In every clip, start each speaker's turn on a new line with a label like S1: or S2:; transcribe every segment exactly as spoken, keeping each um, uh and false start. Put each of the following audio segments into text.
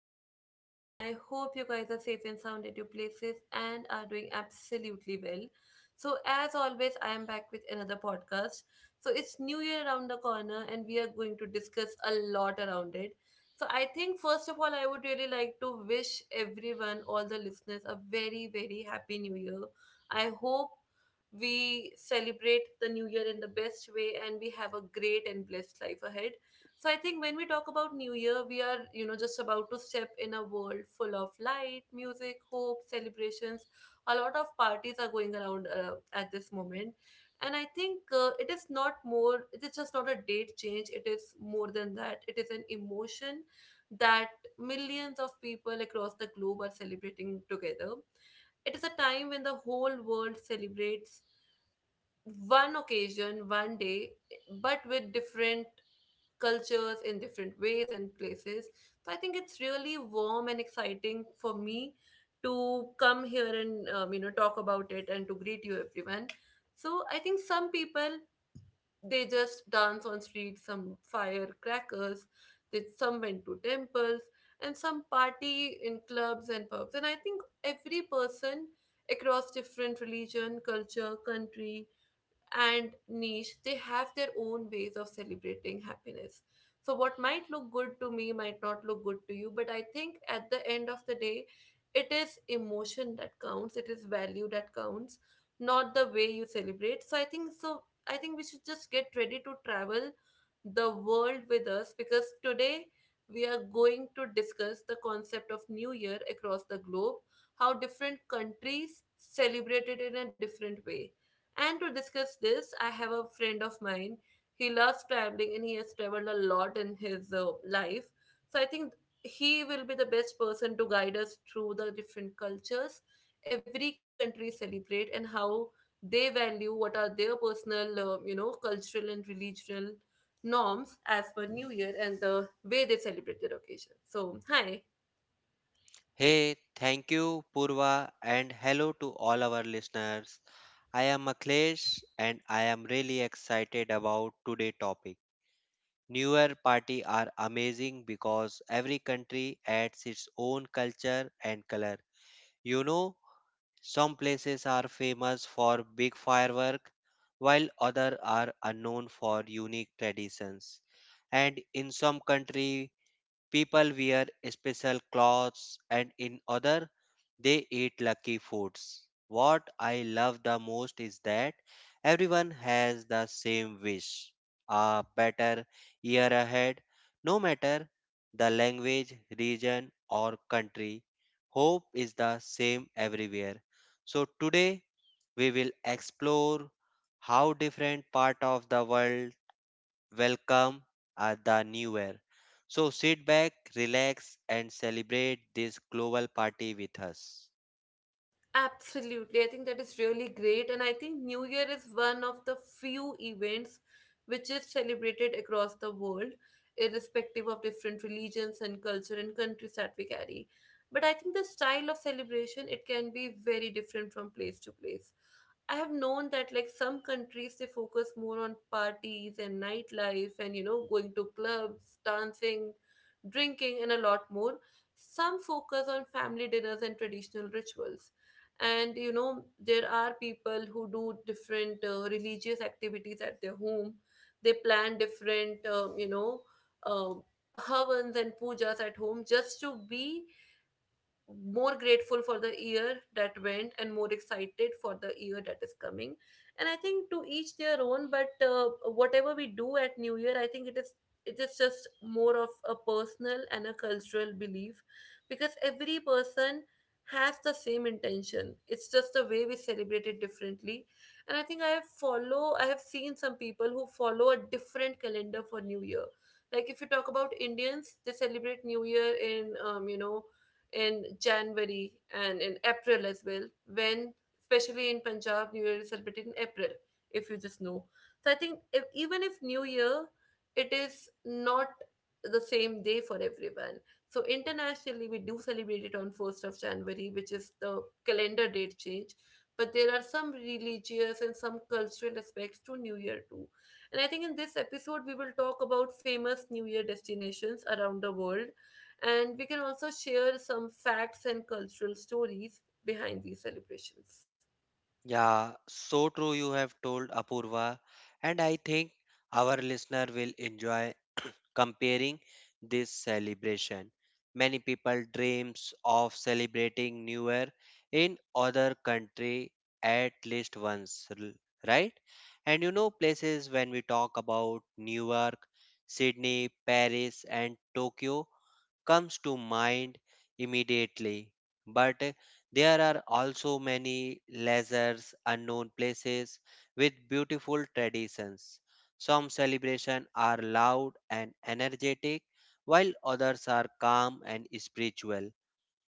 S1: evening to everyone. I hope you guys are safe and sound at your places and are doing absolutely well. So, as always, I am back with another podcast. So, it's New Year around the corner and we are going to discuss a lot around it. So, I think first of all, I would really like to wish everyone, all the listeners, a very, very happy New Year. I hope we celebrate the New Year in the best way and we have a great and blessed life ahead. So I think when we talk about New Year, we are, you know, just about to step in a world full of light, music, hope, celebrations. A lot of parties are going around uh, at this moment. And I think uh, it is not more, it is just not a date change. It is more than that. It is an emotion that millions of people across the globe are celebrating together. It is a time when the whole world celebrates one occasion, one day, but with different cultures in different ways and places. So I think it's really warm and exciting for me to come here and um, you know, talk about it and to greet you everyone. So I think some people, they just dance on streets, some firecrackers, they some went to temples, and some party in clubs and pubs. And I think every person across different religion, culture, country, and niche, they have their own ways of celebrating happiness. So, what might look good to me might not look good to you, but I think at the end of the day, it is emotion that counts, it is value that counts, not the way you celebrate. So, I think so. I think we should just get ready to travel the world with us because today we are going to discuss the concept of New Year across the globe, how different countries celebrate it in a different way, and to discuss this, I have a friend of mine. He loves traveling and he has traveled a lot in his uh, life. So I think he will be the best person to guide us through the different cultures every country celebrate and how they value, what are their personal, uh, you know, cultural and religious norms as per New Year and the way they celebrate their occasion. So, hi.
S2: Hey, thank you, Purva, and hello to all our listeners. I am Akhilesh and I am really excited about today's topic. New Year party are amazing because every country adds its own culture and color. You know, some places are famous for big firework while others are unknown for unique traditions. And in some country people wear special clothes and in other they eat lucky foods. What I love the most is that everyone has the same wish, a better year ahead, no matter the language, region, or country. Hope is the same everywhere. So, today we will explore how different parts of the world welcome at the new year. So sit back, relax, and celebrate this global party with us.
S1: Absolutely. I think that is really great. And I think New Year is one of the few events which is celebrated across the world, irrespective of different religions and culture and countries that we carry. But I think the style of celebration, it can be very different from place to place. I have known that like some countries, they focus more on parties and nightlife and you know, going to clubs, dancing, drinking, and a lot more. Some focus on family dinners and traditional rituals, and you know, there are people who do different uh, religious activities at their home. They plan different um, you know um havans and pujas at home just to be more grateful for the year that went and more excited for the year that is coming. And I think to each their own, but uh, whatever we do at New Year, I think it is, it is just more of a personal and a cultural belief, because every person has the same intention. It's just the way we celebrate it differently. And I think I follow I have seen some people who follow a different calendar for New Year. Like if you talk about Indians, they celebrate New Year in um, you know, in January and in April as well, when, especially in Punjab, New Year is celebrated in April, if you just know. So I think if, even if New Year, it is not the same day for everyone. So internationally, we do celebrate it on first of January, which is the calendar date change. But there are some religious and some cultural aspects to New Year too. And I think in this episode, we will talk about famous New Year destinations around the world, and we can also share some facts and cultural stories behind these celebrations.
S2: Yeah, so true you have told Apurva, and I think our listener will enjoy comparing this celebration. Many people dreams of celebrating New Year in other country at least once, l- right? And you know places when we talk about New York, Sydney, Paris and Tokyo comes to mind immediately. But there are also many leisures, unknown places with beautiful traditions. Some celebrations are loud and energetic, while others are calm and spiritual.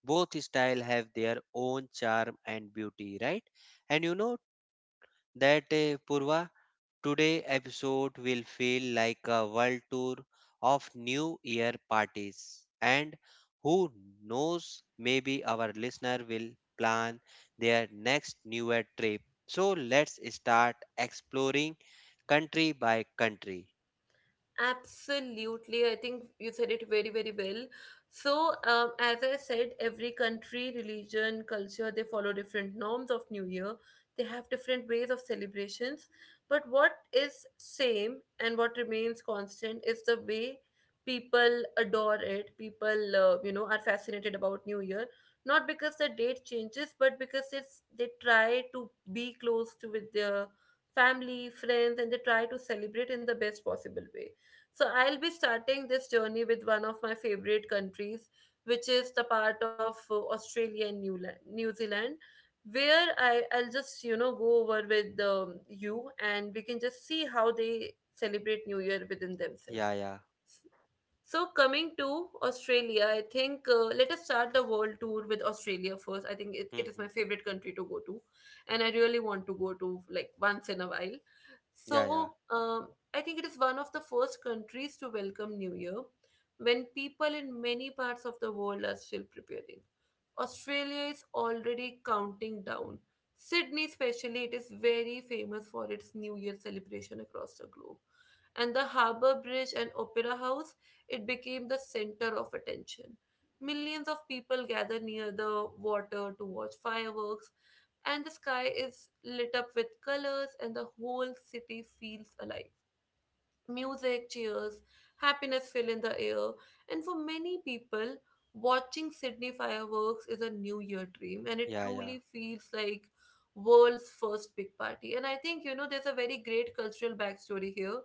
S2: Both style have their own charm and beauty, right? And you know that, uh, Purva, today episode will feel like a world tour of new year parties and who knows maybe our listener will plan their next new year trip. So let's start exploring country by country.
S1: Absolutely. I think you said it very, very well. So, um, as I said, every country, religion, culture, they follow different norms of New Year. They have different ways of celebrations. But what is same and what remains constant is the way people adore it. People, uh, you know, are fascinated about New Year. Not because the date changes, but because it's they try to be close to with their family, friends, and they try to celebrate in the best possible way. So I'll be starting this journey with one of my favorite countries, which is the part of uh, Australia and New, La- New Zealand, where I, I'll just, you know, go over with um, you, and we can just see how they celebrate New Year within
S2: Yeah,
S1: themselves.
S2: yeah.
S1: So coming to Australia, I think uh, let us start the world tour with Australia first. I think it, it is my
S2: Hmm.
S1: favorite country to go to, and I really want to go to like once in a while.
S2: Yeah, yeah.
S1: So um, I think it is one of the first countries to welcome New Year. When people in many parts of the world are still preparing, Australia is already counting down. Sydney, especially, it is very famous for its New Year celebration across the globe. And the Harbour Bridge and Opera House, it became the center of attention. Millions of people gather near the water to watch fireworks, and the sky is lit up with colors, and the whole city feels alive. Music, cheers, happiness fill in the air, and for many people, watching Sydney fireworks is a New Year dream, and it
S2: Yeah, yeah.
S1: truly feels like world's first big party. And I think you know, there's a very great cultural backstory here.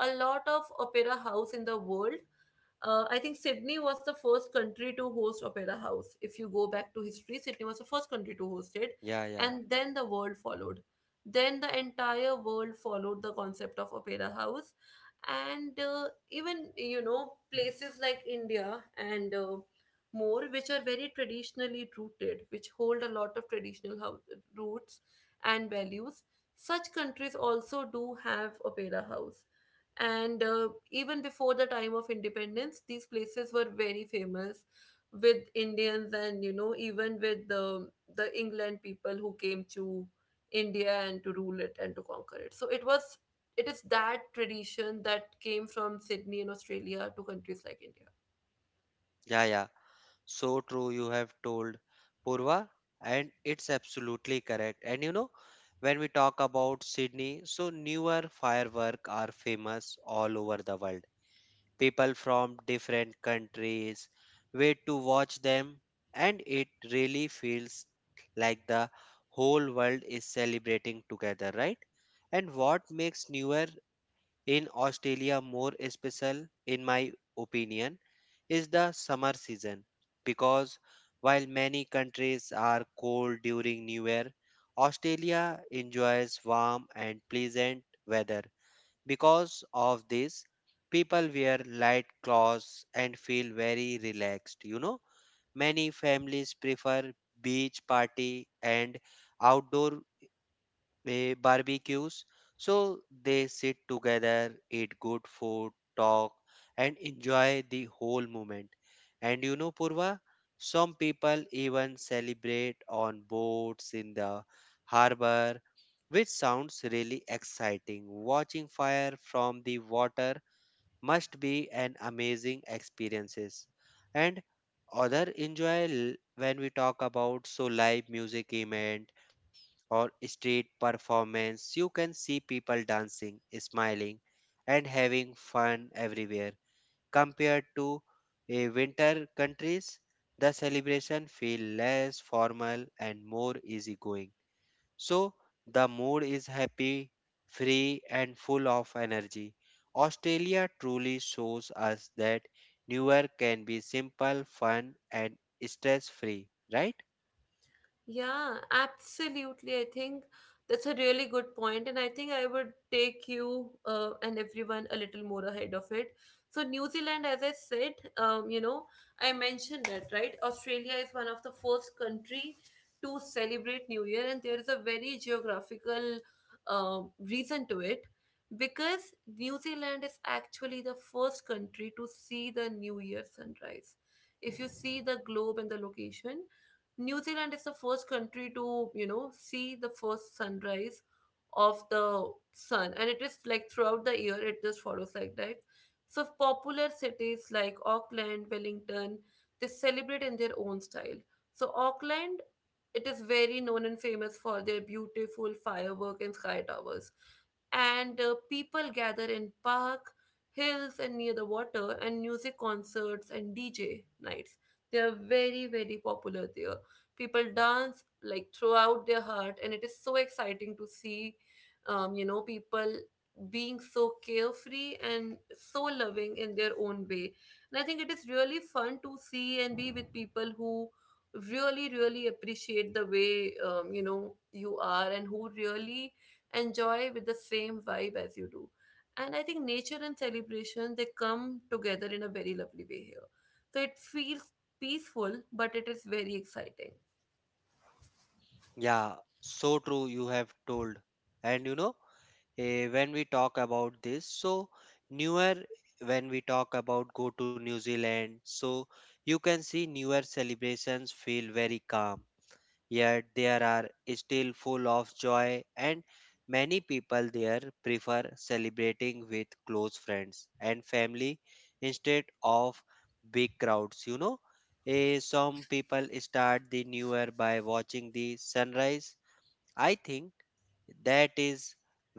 S1: A lot of opera house in the world, uh, I think Sydney was the first country to host Opera House. If you go back to history, Sydney was the first country to host it,
S2: Yeah, yeah.
S1: and then the world followed. Then the entire world followed the concept of Opera House, and uh, even you know, places like India and uh, more, which are very traditionally rooted, which hold a lot of traditional house, roots and values, such countries also do have opera house. And uh, even before the time of independence, these places were very famous with Indians, and you know, even with the the England people who came to India and to rule it and to conquer it. So it was, it is that tradition that came from Sydney in Australia to countries like India.
S2: Yeah, yeah. So true, you have told Purva, and it's absolutely correct. And you know, when we talk about Sydney, so newer fireworks are famous all over the world. People from different countries wait to watch them, and it really feels like the whole world is celebrating together, right? And what makes newer in Australia more special in my opinion is the summer season because while many countries are cold during new year, Australia enjoys warm and pleasant weather. Because of this, people wear light clothes and feel very relaxed. You know, many families prefer beach party and outdoor eh, barbecues. So they sit together, eat good food, talk, and enjoy the whole moment. And you know, Purva, some people even celebrate on boats in the harbor, which sounds really exciting. Watching fire from the water must be an amazing experiences. And other enjoy l- when we talk about so live music event or street performance, you can see people dancing, smiling, and having fun everywhere. Compared to a winter countries, the celebration feel less formal and more easygoing. So the mood is happy, free, and full of energy. Australia truly shows us that New Year can be simple, fun, and stress free, right?
S1: Yeah, absolutely. I think that's a really good point, and I think I would take you uh, and everyone a little more ahead of it. So, New Zealand, as I said, um, you know, I mentioned that, right? Australia is one of the first country to celebrate New Year, and there is a very geographical um, reason to it, because New Zealand is actually the first country to see the New Year sunrise. If you see the globe and the location, New Zealand is the first country to, you know, see the first sunrise of the sun, and it is like throughout the year it just follows like that. So popular cities like Auckland, Wellington, they celebrate in their own style. So Auckland, it is very known and famous for their beautiful firework and sky towers, and uh, people gather in park hills and near the water, and music concerts and DJ nights, they are very, very popular there. People dance like throughout their heart, and it is so exciting to see um, you know, people being so carefree and so loving in their own way. And I think it is really fun to see and be with people who really, really appreciate the way um, you know, you are, and who really enjoy with the same vibe as you do. And I think nature and celebration, they come together in a very lovely way here, so it feels peaceful, but it is very exciting.
S2: Yeah, so true. You have told, and you know, eh, when we talk about this, so newer when we talk about go to New Zealand, so you can see newer celebrations feel very calm, yet there are still full of joy, and many people there prefer celebrating with close friends and family instead of big crowds. You know, Eh, some people start the new year by watching the sunrise. I think that is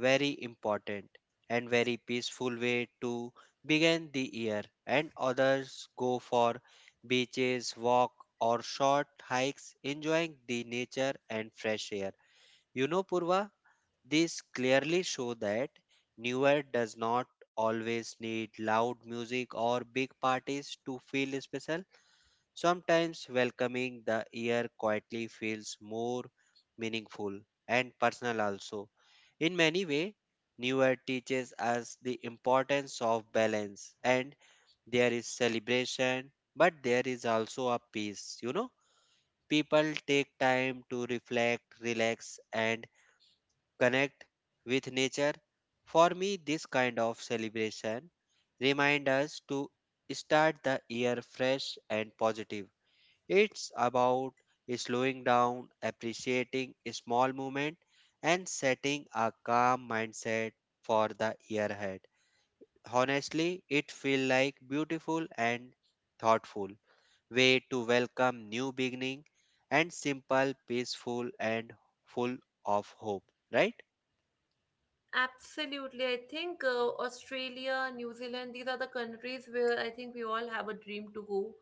S2: very important and very peaceful way to begin the year, and others go for beaches, walk or short hikes enjoying the nature and fresh air. You know Purva, this clearly show that New Year does not always need loud music or big parties to feel special. Sometimes welcoming the year quietly feels more meaningful and personal also. In many ways, New Year teaches us the importance of balance, and there is celebration, but there is also a peace, you know. People take time to reflect, relax and connect with nature. For me, this kind of celebration remind us to start the year fresh and positive. It's about slowing down, appreciating a small moment, and setting a calm mindset for the year ahead. Honestly, it feels like beautiful and thoughtful way to welcome new beginning and simple, peaceful and full of hope, right?
S1: Absolutely. I think uh, Australia, New Zealand, these are the countries where I think we all have a dream to go.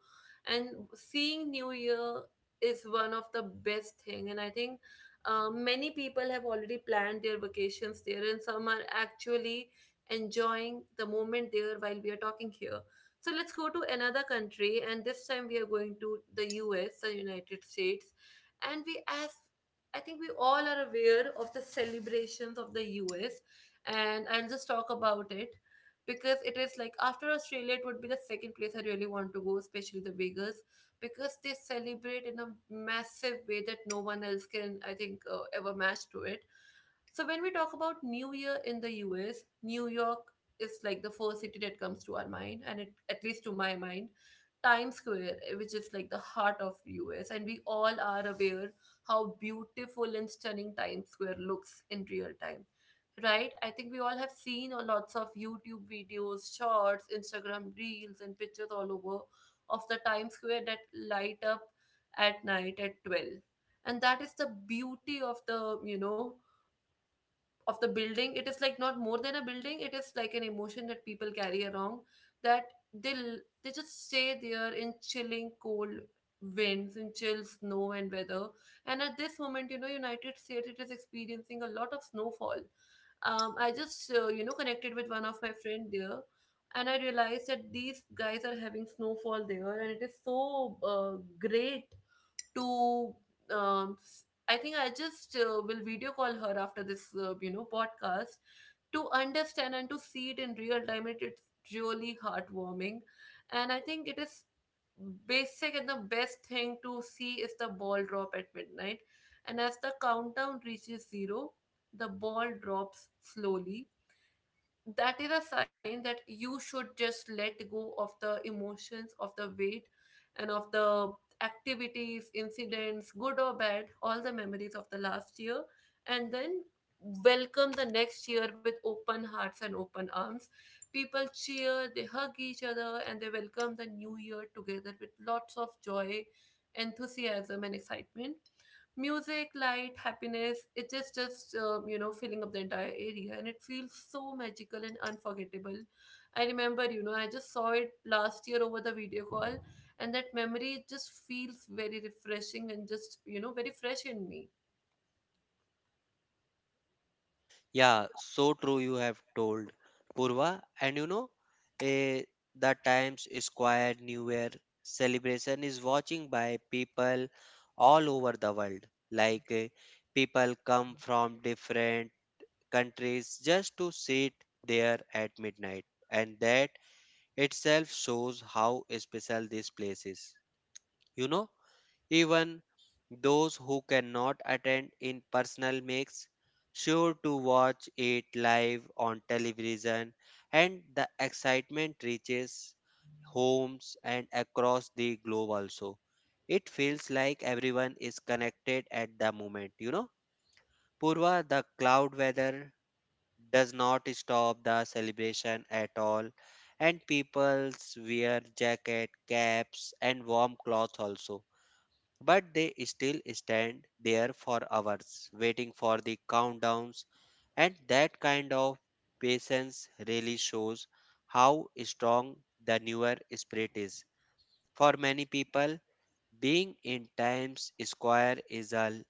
S1: And seeing New Year is one of the best thing. And I think uh, many people have already planned their vacations there, and some are actually enjoying the moment there while we are talking here. So let's go to another country, and this time we are going to the U S, the United States, and we as I think we all are aware of the celebrations of the U S, and I'll just talk about it because it is like after Australia, it would be the second place I really want to go, especially the Vegas, because they celebrate in a massive way that no one else can, I think, uh, ever match to it. So when we talk about New Year in the U S, New York is like the first city that comes to our mind, and it, at least to my mind, Times Square, eh, which is like the heart of U S, and we all are aware how beautiful and stunning Times Square looks in real time, right? I think we all have seen a lots of YouTube videos, shorts, Instagram reels, and pictures all over of the Times Square that light up at night at twelve. And that is the beauty of the, you know, of the building. It is like not more than a building, it is like an emotion that people carry around, that they will they just stay there in chilling cold winds, in chill snow and weather. And at this moment, you know, United States, it is experiencing a lot of snowfall. um, I just, uh, you know, connected with one of my friend there, and I realized that these guys are having snowfall there, and it is so uh, great to um, s- I think I just uh, will video call her after this, uh, you know podcast, to understand and to see it in real time. It, it's really heartwarming, and I think it is basic, and the best thing to see is the ball drop at midnight. And as the countdown reaches zero, the ball drops slowly. That is a sign that you should just let go of the emotions, of the weight, and of the activities, incidents, good or bad, all the memories of the last year, and then welcome the next year with open hearts and open arms. People cheer, they hug each other, and they welcome the new year together with lots of joy, enthusiasm, and excitement. Music, light, happiness, it is just, um, you know filling up the entire area, and it feels so magical and unforgettable. I remember, you know, I just saw it last year over the video call, and that memory, it just feels very refreshing, and just, you know, very fresh in me.
S2: Yeah, so true you have told, Purva. And you know, eh, the Times Square New Year celebration is watching by people all over the world. Like eh, people come from different countries just to sit there at midnight. And that itself shows how special this place is. You know, even those who cannot attend in personal makes sure to watch it live on television, and the excitement reaches homes and across the globe also. It feels like everyone is connected at the moment, you know. Purva, the cloud weather does not stop the celebration at all, and people's wear jacket, caps, and warm cloth also. But they still stand there for hours waiting for the countdowns, and that kind of patience really shows how strong the newer spirit is. For many people, being in Times Square is a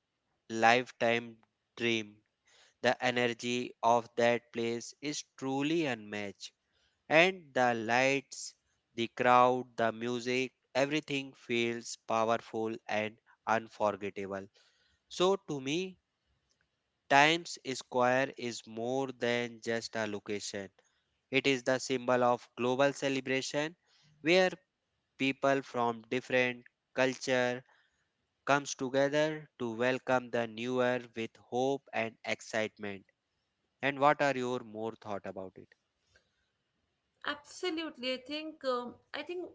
S2: lifetime dream. The energy of that place is truly unmatched, and the lights, the crowd, the music, everything feels powerful and unforgettable. So to me, Times Square is more than just a location. It is the symbol of global celebration where people from different culture comes together to welcome the new year with hope and excitement. And what are your more thought about it?
S1: Absolutely. I think um, i think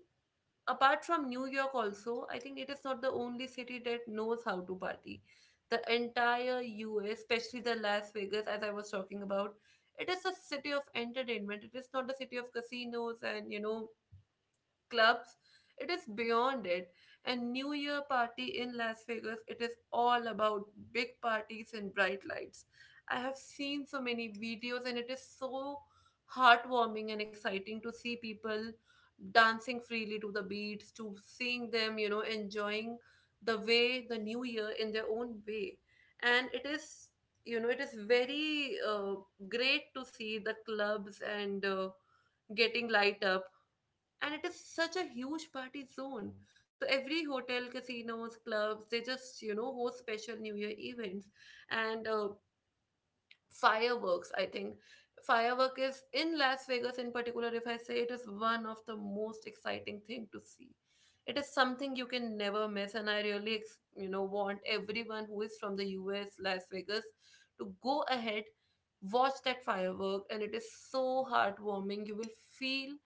S1: apart from New York also, I think it is not the only city that knows how to party. The entire U S, especially the Las Vegas, as I was talking about, it is a city of entertainment. It is not the city of casinos and, you know, clubs, it is beyond it. And New Year party in Las Vegas, it is all about big parties and bright lights. I have seen so many videos, and it is so heartwarming and exciting to see people dancing freely to the beats, to seeing them, you know, enjoying the way the new year in their own way. And it is, you know, it is very, uh, great to see the clubs and, uh, getting light up, and it is such a huge party zone. So every hotel, casinos, clubs, they just, you know, host special new year events. And uh, fireworks, I think firework is in Las Vegas in particular. If I say, it is one of the most exciting thing to see. It is something you can never miss, and I really ex- you know, want everyone who is from the US, Las Vegas, to go ahead, watch that firework. And it is so heartwarming, you will feel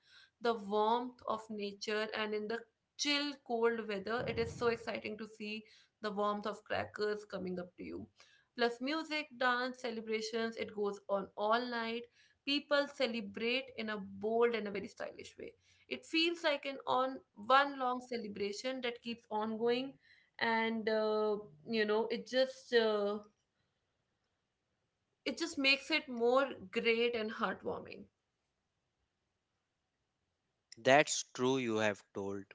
S1: the warmth of nature, and in the chill cold weather, it is so exciting to see the warmth of crackers coming up to you, plus music, dance, celebrations. It goes on all night. People celebrate in a bold and a very stylish way. It feels like an on one long celebration that keeps on going, and, uh, you know, it just, uh, it just makes it more great and heartwarming.
S2: That's true you have told.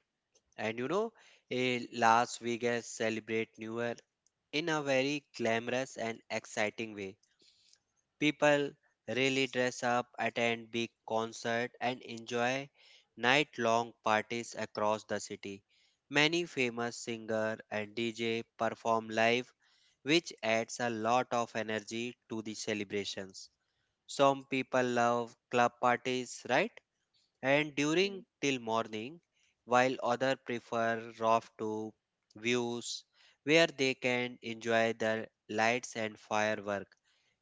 S2: And you know, eh, Las Vegas celebrate New Year in a very glamorous and exciting way. People really dress up, attend big concert and enjoy night-long parties across the city. Many famous singer and D J perform live, which adds a lot of energy to the celebrations. Some people love club parties, right? And
S1: Yeah.
S2: during till morning, while others prefer rough to views where they can enjoy the lights and firework.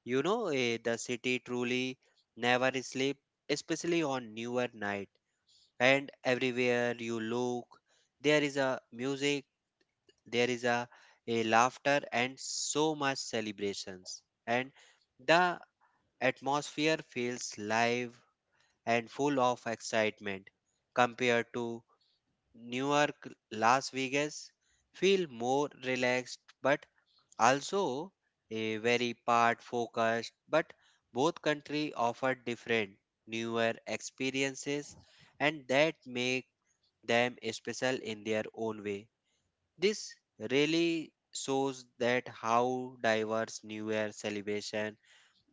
S2: You know, eh, the city truly never sleep, especially on newer night. And everywhere you look, there is a music, there is a, a laughter, and so much celebrations. And the atmosphere feels live and full of excitement compared to Newark, Las Vegas, feel more relaxed but also a very part focused, but both country offer different newer experiences and that make them special in their own way. This really shows that how diverse new year celebration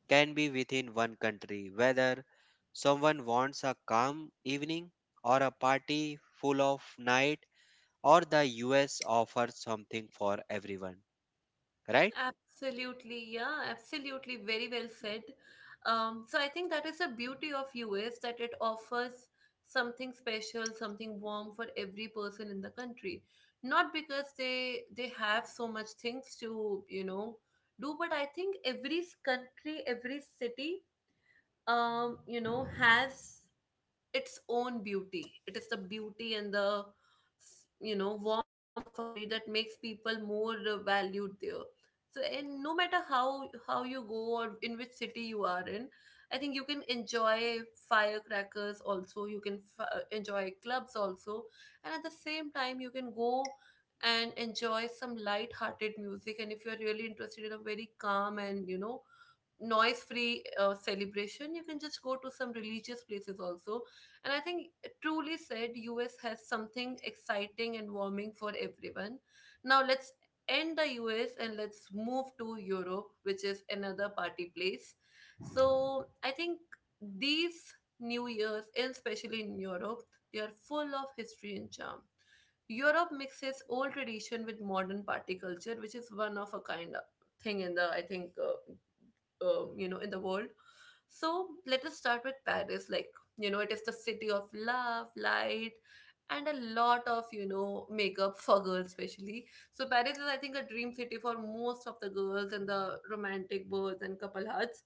S2: can be within one country, whether someone wants a calm evening or a party full of night, or the U S offers something for everyone, right?
S1: Absolutely, yeah, absolutely, very well said. Um, so I think that is the beauty of U S, that it offers something special, something warm for every person in the country. Not because they they have so much things to, you know, do, but I think every s- country, every city, um, you know, has its own beauty. It is the beauty and the, you know, warmth of a country that makes people more, uh, valued there. So, and no matter how how you go or in which city you are in, I think you can enjoy firecrackers also. You can f- uh, enjoy clubs also, and at the same time you can go and enjoy some light-hearted music. And if you are really interested in a very calm and, you know, noise free, uh, celebration, you can just go to some religious places also. And I think, uh, truly said, US has something exciting and warming for everyone. Now let's end the US and let's move to Europe, which is another party place. So I think these new years, and especially in Europe, they are full of history and charm. Europe mixes old tradition with modern party culture, which is one of a kind of thing in the, I think, uh, um, you know in the world. So let us start with Paris. Like, you know, it is the city of love, light, and a lot of, you know, makeup for girls especially. So Paris is, I think, a dream city for most of the girls, in the romantic birds and couple hearts.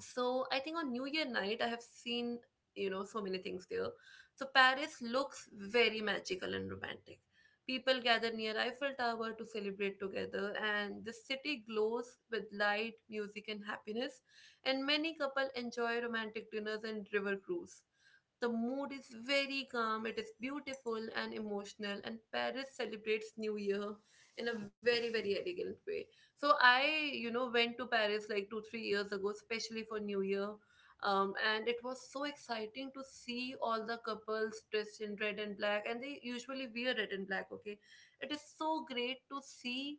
S1: So I think on New Year night, I have seen, you know, so many things there. So Paris looks very magical and romantic. People gather near Eiffel Tower to celebrate together, and the city glows with light, music, and happiness. And many couple enjoy romantic dinners and river cruise. The mood is very calm, it is beautiful and emotional, and Paris celebrates New Year in a very, very elegant way. So I, you know, went to Paris like two, three years ago, especially for New Year. Um, and it was so exciting to see all the couples dressed in red and black, and they usually wear red and black, okay? It is so great to see,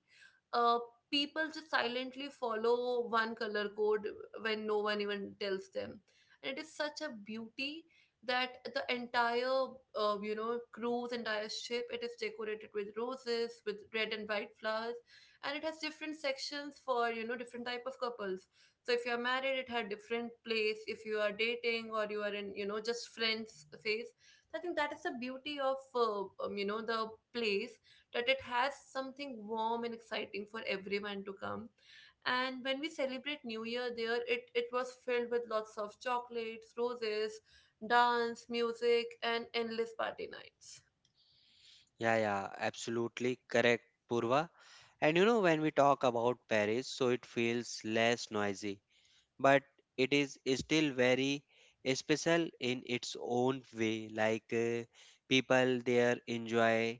S1: uh, people just silently follow one color code when no one even tells them. And it is such a beauty that the entire, uh, you know cruise, entire ship, it is decorated with roses, with red and white flowers. And it has different sections for, you know, different type of couples. So if you are married, it had different place, if you are dating or you are in, you know, just friends phase. So I think that is the beauty of, uh, um, you know the place, that it has something warm and exciting for everyone to come. And when we celebrate new year there, it, it was filled with lots of chocolates, roses, dance, music, and endless party nights.
S2: Yeah, yeah, absolutely correct, Purva. And you know, when we talk about Paris, so it feels less noisy but it is still very special in its own way. Like uh, people there enjoy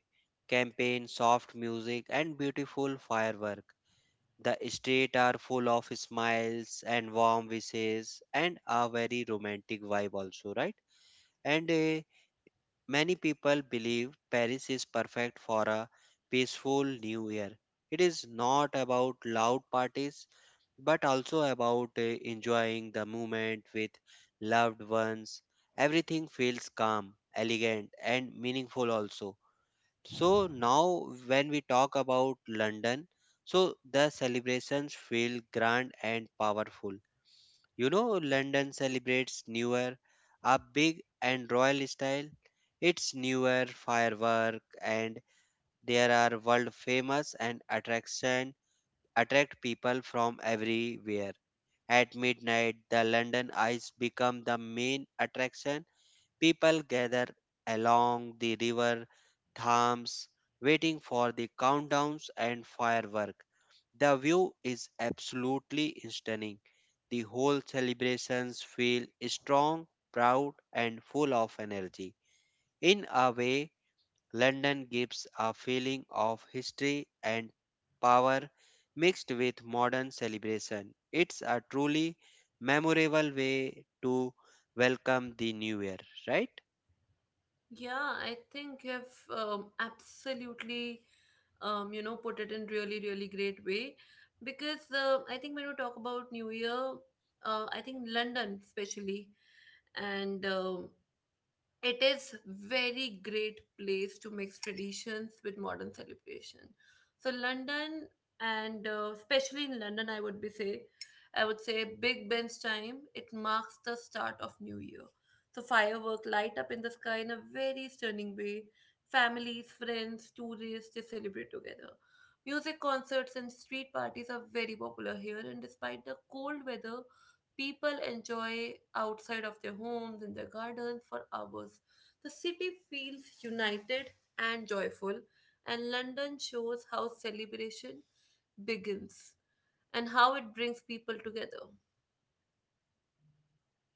S2: campaign soft music and beautiful firework. The street are full of smiles and warm wishes and a very romantic vibe also, right? And uh, many people believe Paris is perfect for a peaceful new year. It is not about loud parties but also about uh, enjoying the moment with loved ones. Everything feels calm, elegant, and meaningful also. So now when we talk about London, so the celebrations feel grand and powerful. You know, London celebrates New Year a big and royal style. It's New Year firework and there are world famous and attraction attract people from everywhere. At midnight, the London Ice become the main attraction. People gather along the river Thames, waiting for the countdowns and firework. The view is absolutely stunning. The whole celebrations feel strong, proud, and full of energy. In a way, London gives a feeling of history and power mixed with modern celebration. It's a truly memorable way to welcome the new year, right?
S1: Yeah, I think you've, um, absolutely, um, you know, put it in really really great way. Because, uh, I think when we talk about new year, uh, I think London especially, and, um, it is very great place to mix traditions with modern celebration. So London, and, uh, especially in London, I would be say, I would say Big Ben's time. It marks the start of New Year. So firework light up in the sky in a very stunning way. Families, friends, tourists, they celebrate together. Music concerts and street parties are very popular here, and despite the cold weather, people enjoy outside of their homes in their gardens for hours. The city feels united and joyful, and London shows how celebration begins and how it brings people together.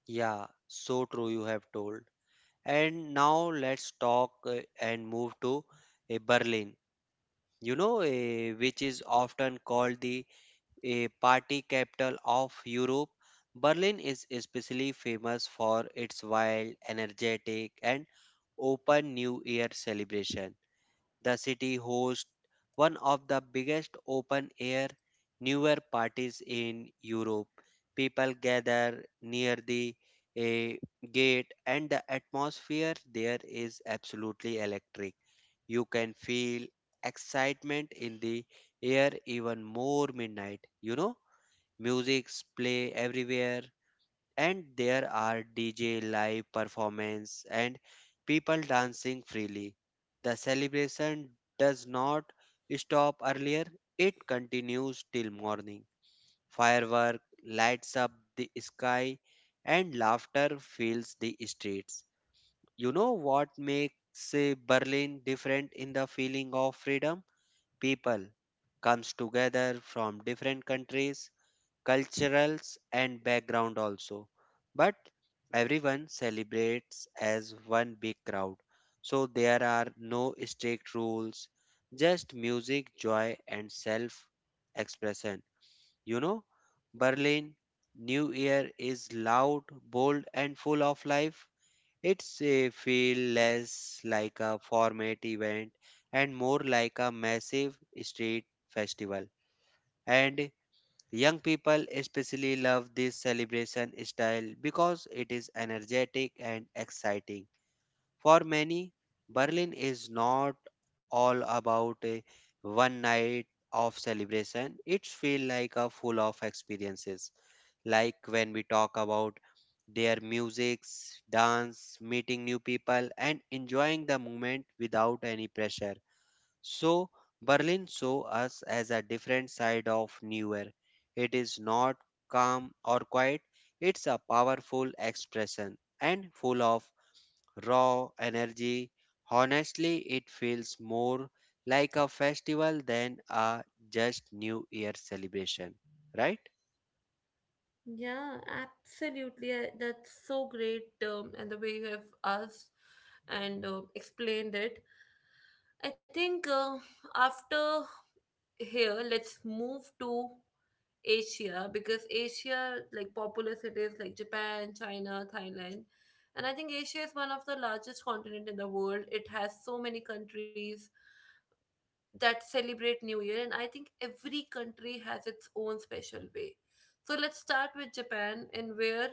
S2: Yeah, so true, you have told. And now let's talk uh, and move to uh, Berlin, you know, uh, which is often called the a party capital of Europe. Berlin is especially famous for its wild, energetic, and open New Year celebration. The city hosts one of the biggest open air New Year parties in Europe. People gather near the eh, gate, and the atmosphere there is absolutely electric. You can feel excitement in the air even more midnight, you know. Music's play everywhere, and there are D J live performance and people dancing freely. The celebration does not stop earlier, it continues till morning. Firework lights up the sky and laughter fills the streets. You know what makes uh, Berlin different in the feeling of freedom? People comes together from different countries culturals and background also, but everyone celebrates as one big crowd. So there are no strict rules, just music, joy and self expression. You know, Berlin new year is loud, bold and full of life. It's a feel less like a format event and more like a massive street festival. And young people especially love this celebration style because it is energetic and exciting. For many, Berlin is not all about a one night of celebration. It feels like a full of experiences. Like when we talk about their music, dance, meeting new people, and enjoying the moment without any pressure. So, Berlin saw us as a different side of New Year. It is not calm or quiet, it's a powerful expression and full of raw energy. Honestly, it feels more like a festival than a just New Year celebration, right?
S1: Yeah, absolutely. I- That's so great, um, and the way you have asked and, uh, explained it. I think, uh, after here let's move to Asia, because Asia, like populous cities like Japan, China, Thailand. And I think Asia is one of the largest continent in the world. It has so many countries that celebrate new year, and I think every country has its own special way. So let's start with Japan, and where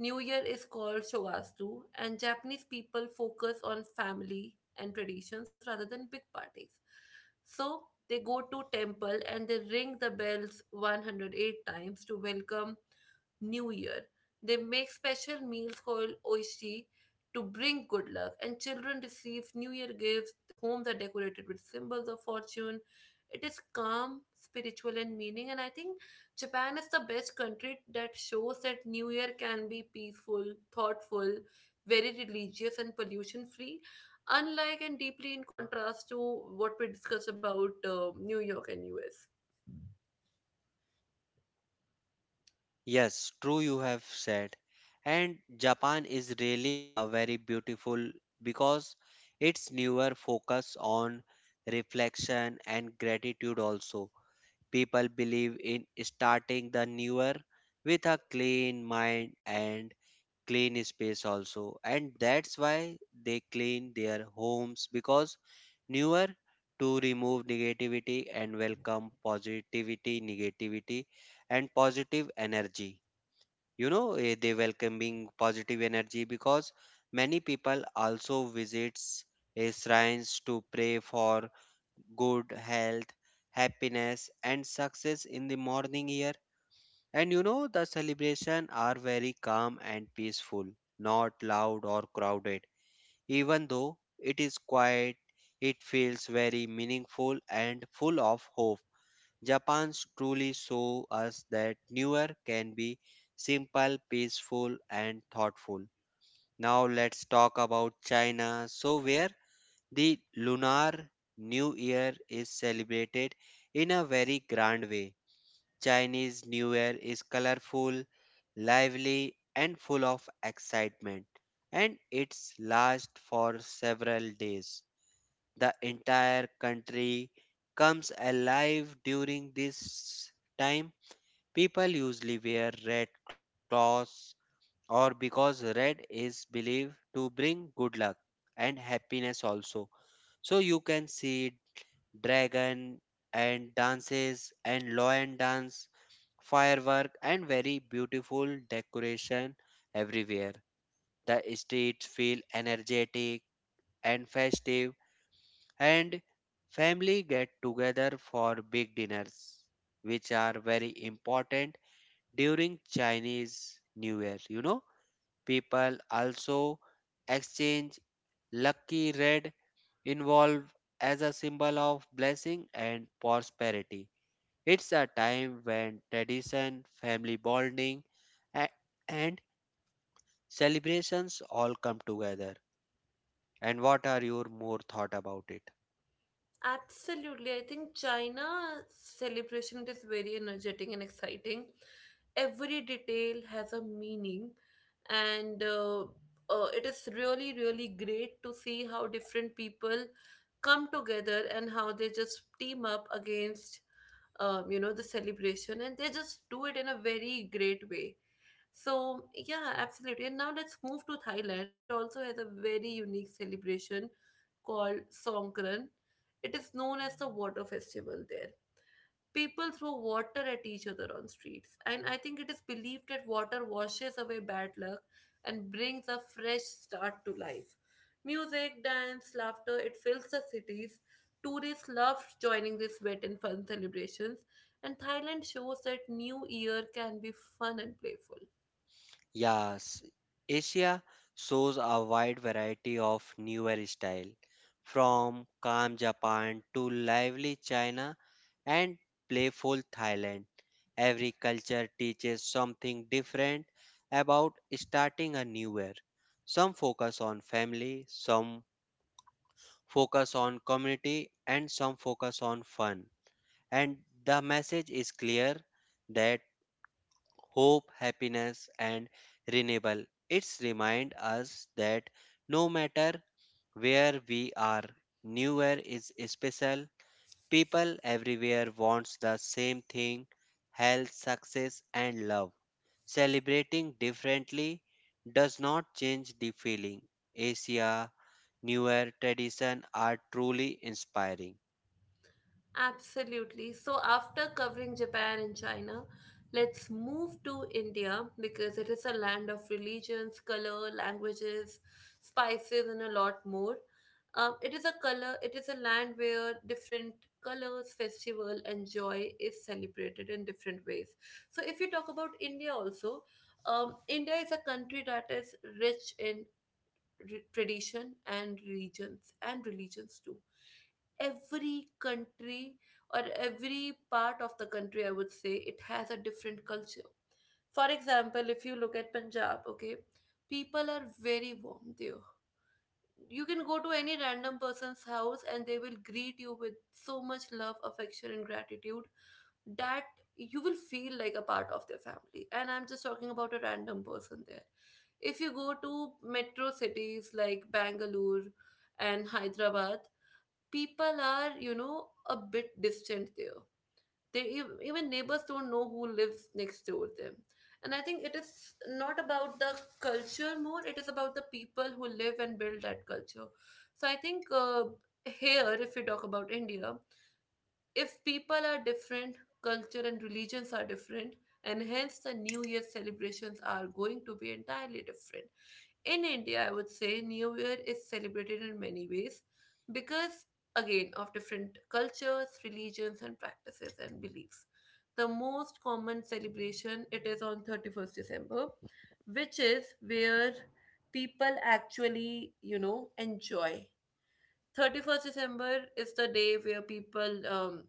S1: New Year is called Shogastu, and Japanese people focus on family and traditions rather than big parties. So they go to temple and they ring the bells one hundred eight times to welcome New Year. They make special meals called oishi to bring good luck, and children receive New Year gifts. Homes are decorated with symbols of fortune. It is calm, spiritual, and meaning. And I think Japan is the best country that shows that New Year can be peaceful, thoughtful, very religious, and pollution free. Unlike and deeply in contrast to what we discussed about, uh, New York and U S.
S2: Yes, true, you have said. And Japan is really a very beautiful because its newer focus on reflection and gratitude also. People believe in starting the newer with a clean mind and clean space also. And that's why they clean their homes because newer to remove negativity and welcome positivity, negativity and positive energy you know eh, they welcoming positive energy because many people also visits eh, shrines to pray for good health, happiness, and success in the morning here. And you know, the celebration are very calm and peaceful, not loud or crowded. Even though it is quiet, it feels very meaningful and full of hope. Japan's truly show us that newer can be simple, peaceful, and thoughtful. Now let's talk about China. So where the Lunar New Year is celebrated in a very grand way. Chinese New Year is colorful, lively, and full of excitement, and it's lasts for several days. The entire country comes alive during this time. People usually wear red clothes, or because red is believed to bring good luck and happiness also. So you can see dragon and dances and lion dance, firework, and very beautiful decoration everywhere. The streets feel energetic and festive, and family get together for big dinners, which are very important during Chinese New Year. You know, people also exchange lucky red involved as a symbol of blessing and prosperity. It's a time when tradition, family bonding, a- and celebrations all come together. And what are your more thought about it?
S1: Absolutely. I think China celebration is very energetic and exciting. Every detail has a meaning, and, uh, uh, it is really, really great to see how different people come together and how they just team up against, um, you know, the celebration, and they just do it in a very great way. So, yeah, absolutely. And now let's move to Thailand. It also has a very unique celebration called Songkran. It is known as the water festival there. People throw water at each other on streets, and I think it is believed that water washes away bad luck and brings a fresh start to life. Music, dance, laughter, it fills the cities. Tourists love joining these wet and fun celebrations, and Thailand shows that New Year can be fun and playful.
S2: Yes, Asia shows a wide variety of newer style, from calm Japan to lively China and playful Thailand. Every culture teaches something different about starting a new year. Some focus on family, some focus on community, and some focus on fun. And the message is clear that hope, happiness, and renewal. It's remind us that no matter where we are, New Year is special. People everywhere wants the same thing: health, success, and love. Celebrating differently does not change the feeling. Asia, New Year tradition are truly inspiring.
S1: Absolutely. So, after covering Japan and China, let's move to India, because it is a land of religions, color, languages, spices, and a lot more. Um, it is a color. It is a land where different colors, festival, and joy is celebrated in different ways. So, if you talk about India, also, um, India is a country that is rich in re- tradition and regions and religions too. Every country, or every part of the country I would say, it has a different culture. For example, if you look at Punjab, okay, people are very warm there. You can go to any random person's house and they will greet you with so much love, affection, and gratitude that you will feel like a part of their family. And I'm just talking about a random person there. If you go to metro cities like Bangalore and Hyderabad, people are, you know, a bit distant there. They ev- even neighbors don't know who lives next door them. And I think it is not about the culture more, it is about the people who live and build that culture. So I think uh, here, if we talk about India, if people are different, culture and religions are different, and hence the New Year celebrations are going to be entirely different. In India, I would say New Year is celebrated in many ways because, again, of different cultures, religions, and practices and beliefs. The most common celebration, it is on thirty-first December, which is where people actually, you know, enjoy. thirty-first December is the day where people um,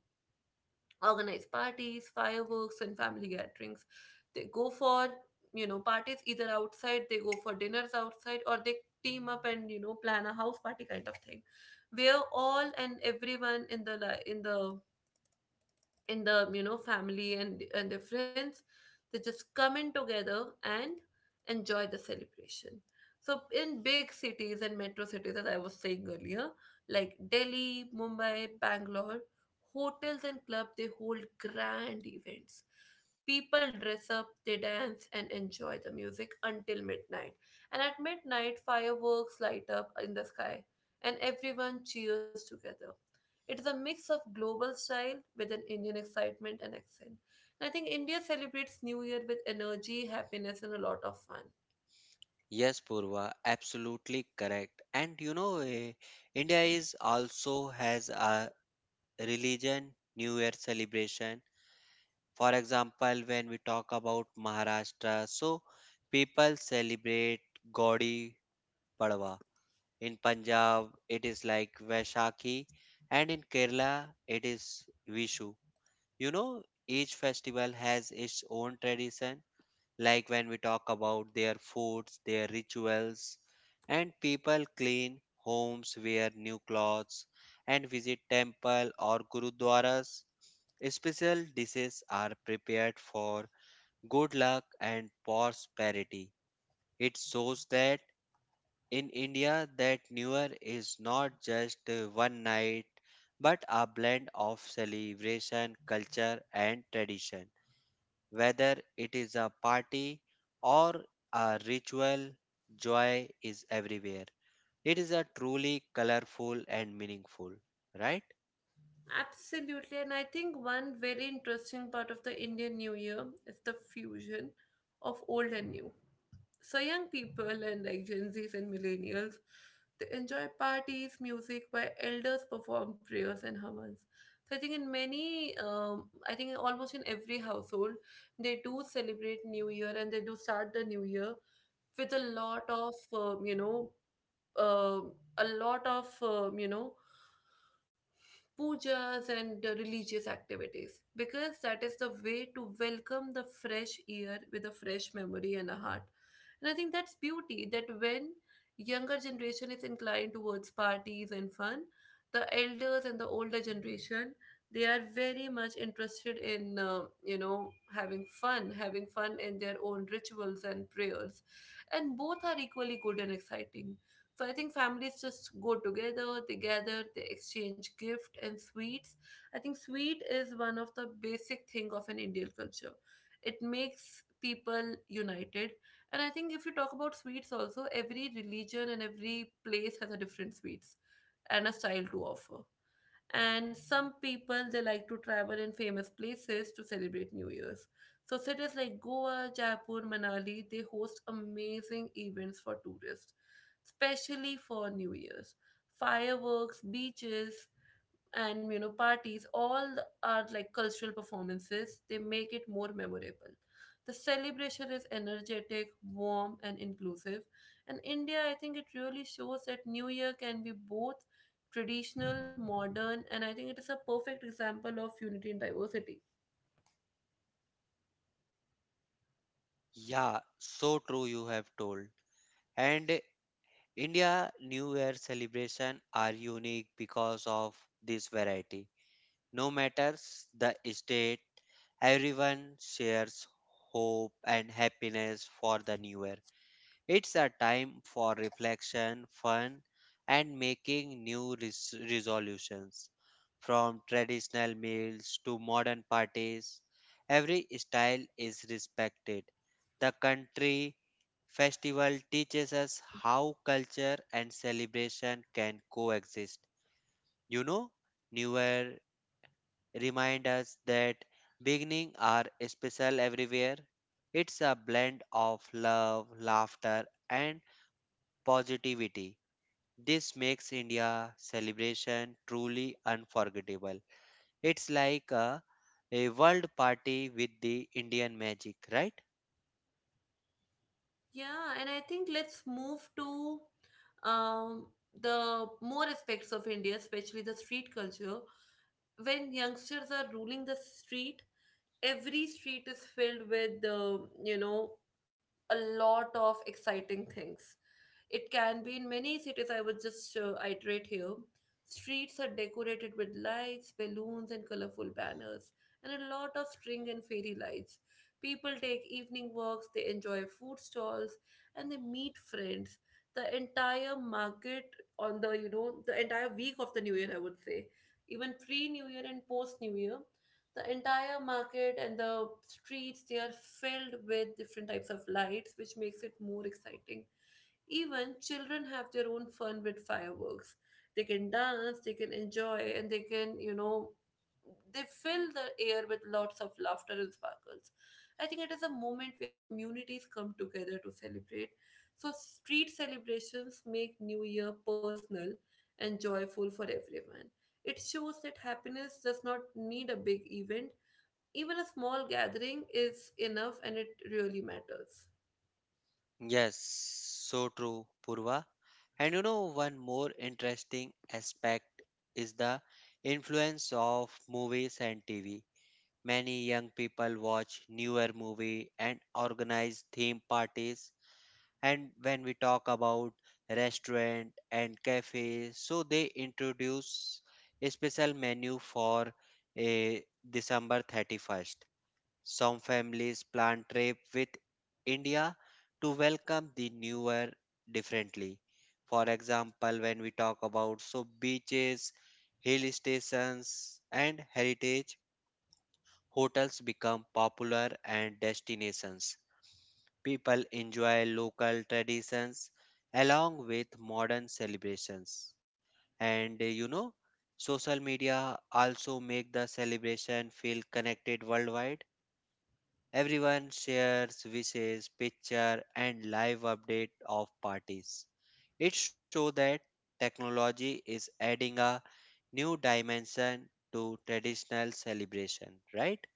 S1: organize parties, fireworks, and family gatherings. They go for, you know, parties either outside, they go for dinners outside, or they team up and, you know, plan a house party kind of thing, where all and everyone in the li- in the in the you know, family and and their friends, they just come in together and enjoy the celebration. So in big cities and metro cities, as I was saying earlier, like Delhi, Mumbai, Bangalore, hotels and clubs, they hold grand events. People dress up, they dance and enjoy the music until midnight, and at midnight fireworks light up in the sky and everyone cheers together. It is a mix of global style with an Indian excitement and accent. And I think India celebrates New Year with energy, happiness, and a lot of fun.
S2: Yes, Purva, absolutely correct. And you know, eh, India is also has a religion, New Year celebration. For example, when we talk about Maharashtra, so people celebrate Gaudi Padwa. In Punjab, it is like Vaishakhi, and in Kerala, it is Vishu. You know, each festival has its own tradition, like when we talk about their foods, their rituals, and people clean homes, wear new clothes, and visit temple or gurudwaras. Special dishes are prepared for good luck and prosperity. It shows that in India that New Year is not just uh, one night but a blend of celebration, culture, and tradition. Whether it is a party or a ritual, joy is everywhere. It is a truly colorful and meaningful, right?
S1: Absolutely, and I think one very interesting part of the Indian New Year is the fusion of old and new. So young people and like Gen Zs and millennials, they enjoy parties, music, where elders perform prayers and humans. So I think in many, um, I think almost in every household, they do celebrate New Year and they do start the New Year with a lot of um, you know, um a lot of um, you know pujas and uh, religious activities, because that is the way to welcome the fresh year with a fresh memory and a heart. And I think that's beauty, that when younger generation is inclined towards parties and fun, the elders and the older generation, they are very much interested in uh, you know, having fun, having fun in their own rituals and prayers, and both are equally good and exciting. So I think families just go together, they gather, they exchange gift and sweets. I think sweet is one of the basic thing of an Indian culture. It makes people united. And I think if you talk about sweets also, every religion and every place has a different sweets and a style to offer. And some people, they like to travel in famous places to celebrate New Year's. So cities like Goa, Jaipur, Manali, they host amazing events for tourists, especially for New Year's. Fireworks, beaches, and, you know, parties, all are like cultural performances, they make it more memorable. The celebration is energetic, warm, and inclusive. And India, I think, it really shows that New Year can be both traditional, modern, and I think it is a perfect example of unity and diversity.
S2: Yeah, so true you have told. And India New Year celebration are unique because of this variety. No matters the state, everyone shares hope and happiness for the new year. It's a time for reflection, fun, and making new res- resolutions. From traditional meals to modern parties, every style is respected. The country festival teaches us how culture and celebration can coexist. You know, New Year remind us that beginning are special everywhere. It's a blend of love, laughter, and positivity. This makes India celebration truly unforgettable. It's like a, a world party with the Indian magic, right?
S1: Yeah, and I think let's move to um, the more aspects of India, especially the street culture, when youngsters are ruling the street. Every street is filled with uh, you know a lot of exciting things. It can be in many cities, I would just uh, iterate here. Streets are decorated with lights, balloons, and colorful banners, and a lot of string and fairy lights. People take evening walks, they enjoy food stalls, and they meet friends. The entire market, on the, you know, the entire week of the New Year, I would say, even pre New Year and post New Year, the entire market and the streets, they are filled with different types of lights, which makes it more exciting. Even children have their own fun with fireworks. They can dance, they can enjoy, and they can, you know, they fill the air with lots of laughter and sparkles. I think it is a moment where communities come together to celebrate. So street celebrations make New Year personal and joyful for everyone. It shows that happiness does not need a big event, even a small gathering is enough and it really matters.
S2: Yes, so true, Purva. And you know, one more interesting aspect is the influence of movies and T V. Many young people watch newer movie and organize theme parties. And when we talk about restaurant and cafes, so they introduce a special menu for a december thirty-first. Some families plan trip with india to welcome the new year differently. For example, when we talk about, so, beaches, hill stations, and heritage hotels become popular and destinations. People enjoy local traditions along with modern celebrations. And uh, you know, social media also make the celebration feel connected worldwide. Everyone shares wishes, picture, and live update of parties. It shows that technology is adding a new dimension to traditional celebration, right?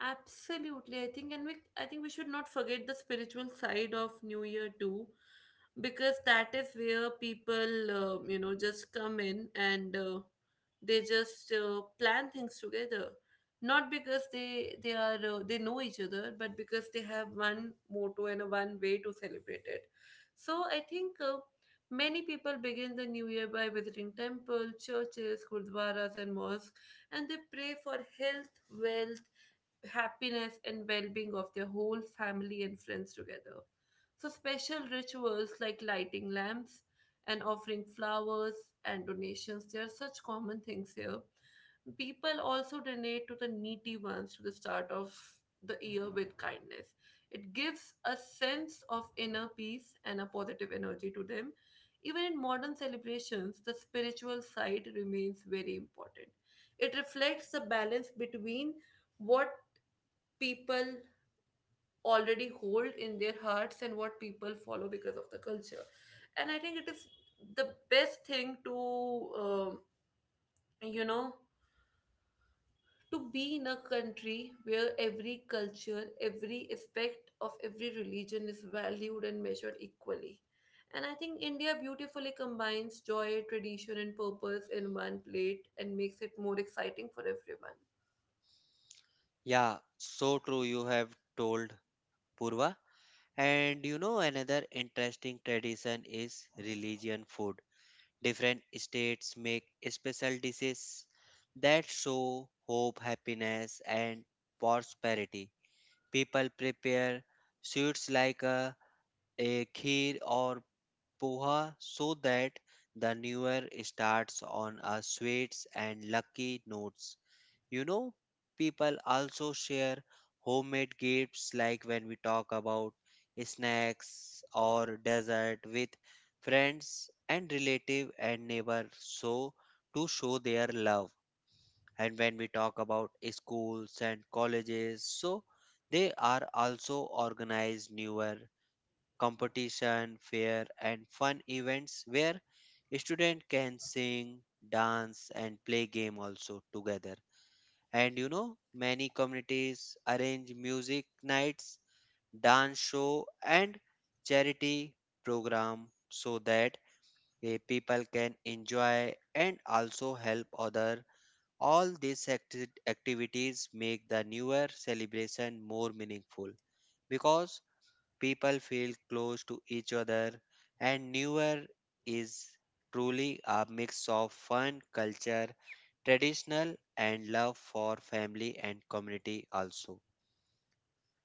S1: Absolutely, I think, and we, I think we should not forget the spiritual side of New Year too, because that is where people, uh, you know, just come in and uh, they just uh, plan things together, not because they they are uh, they know each other, but because they have one motto and a one way to celebrate it. So I think. Uh, Many people begin the new year by visiting temples, churches, gurdwaras, and mosques, and they pray for health, wealth, happiness, and well-being of their whole family and friends together. So special rituals like lighting lamps and offering flowers and donations, they are such common things here. People also donate to the needy ones, to the start of the year with kindness. It gives a sense of inner peace and a positive energy to them. Even in modern celebrations, the spiritual side remains very important. It reflects the balance between what people already hold in their hearts and what people follow because of the culture. And I think it is the best thing to, um, you know to be in a country where every culture, every aspect of every religion is valued and measured equally. And I think India beautifully combines joy, tradition, and purpose in one plate and makes it more exciting for everyone.
S2: Yeah, so true you have told, Purva. And you know, another interesting tradition is religion food. Different states make special dishes that show hope, happiness, and prosperity. People prepare sweets like a, a kheer or poha so that the new year starts on a sweets and lucky notes. You know, people also share homemade gifts like when we talk about snacks or dessert with friends and relative and neighbor so to show their love. And when we talk about schools and colleges, so they are also organized newer competition, fair, and fun events where student can sing, dance, and play game also together. And you know, many communities arrange music nights, dance show, and charity program so that eh, people can enjoy and also help other. All these acti- activities make the newer celebration more meaningful because people feel close to each other, and newer is truly a mix of fun, culture, traditional, and love for family and community also.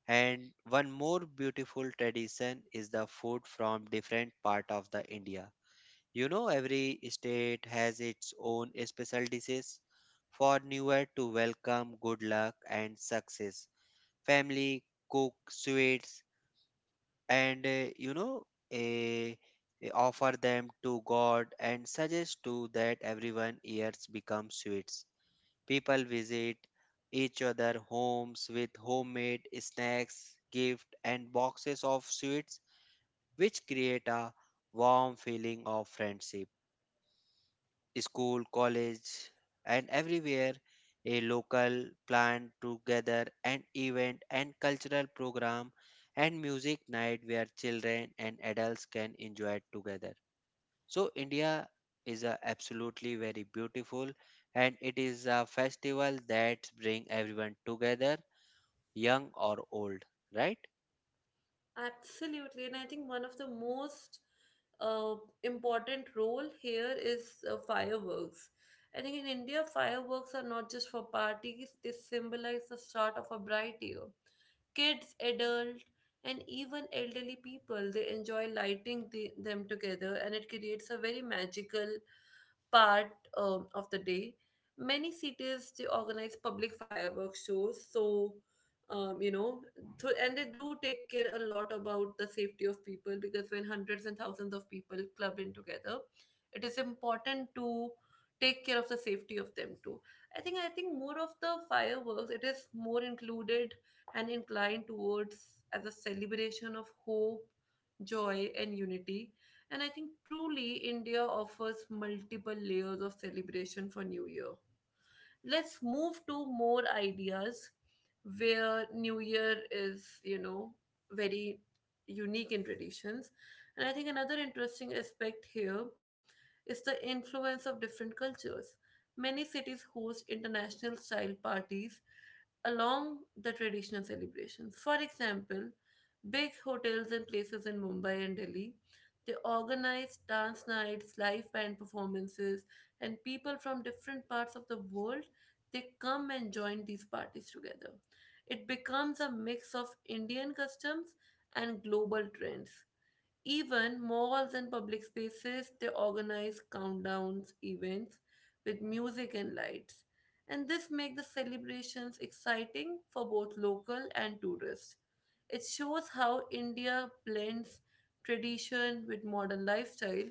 S2: And one more beautiful tradition is the food from different part of the India. You know, every state has its own special dishes for newer to welcome good luck and success. Family cook sweets and uh, you know a, a offer them to god and suggest to that everyone ears become sweets. People visit each other homes with homemade snacks, gift, and boxes of sweets, which create a warm feeling of friendship. School, college, and everywhere a local plant together and event and cultural program and music night where children and adults can enjoy it together. So India is a absolutely very beautiful and it is a festival that bring everyone together, young or old, right?
S1: Absolutely, and I think one of the most uh, important role here is uh, fireworks. I think in India, fireworks are not just for parties; they symbolize the start of a bright year. Kids, adult, and even elderly people, they enjoy lighting the, them together, and it creates a very magical part um, of the day. Many cities, they organize public fireworks shows. So, um, you know so, and they do take care a lot about the safety of people, because when hundreds and thousands of people club in together, it is important to take care of the safety of them too. I think i think more of the fireworks, it is more included and inclined towards as a celebration of hope, joy, and unity. And I think truly India offers multiple layers of celebration for New Year. Let's move to more ideas, where New Year is, you know, very unique in traditions. And I think another interesting aspect here is the influence of different cultures. Many cities host international style parties along the traditional celebrations. For example, big hotels and places in Mumbai and Delhi, they organize dance nights, live band performances, and people from different parts of the world, they come and join these parties together. It becomes a mix of Indian customs and global trends. Even malls and public spaces, they organize countdowns events with music and lights. And this makes the celebrations exciting for both local and tourists. It shows how India blends tradition with modern lifestyle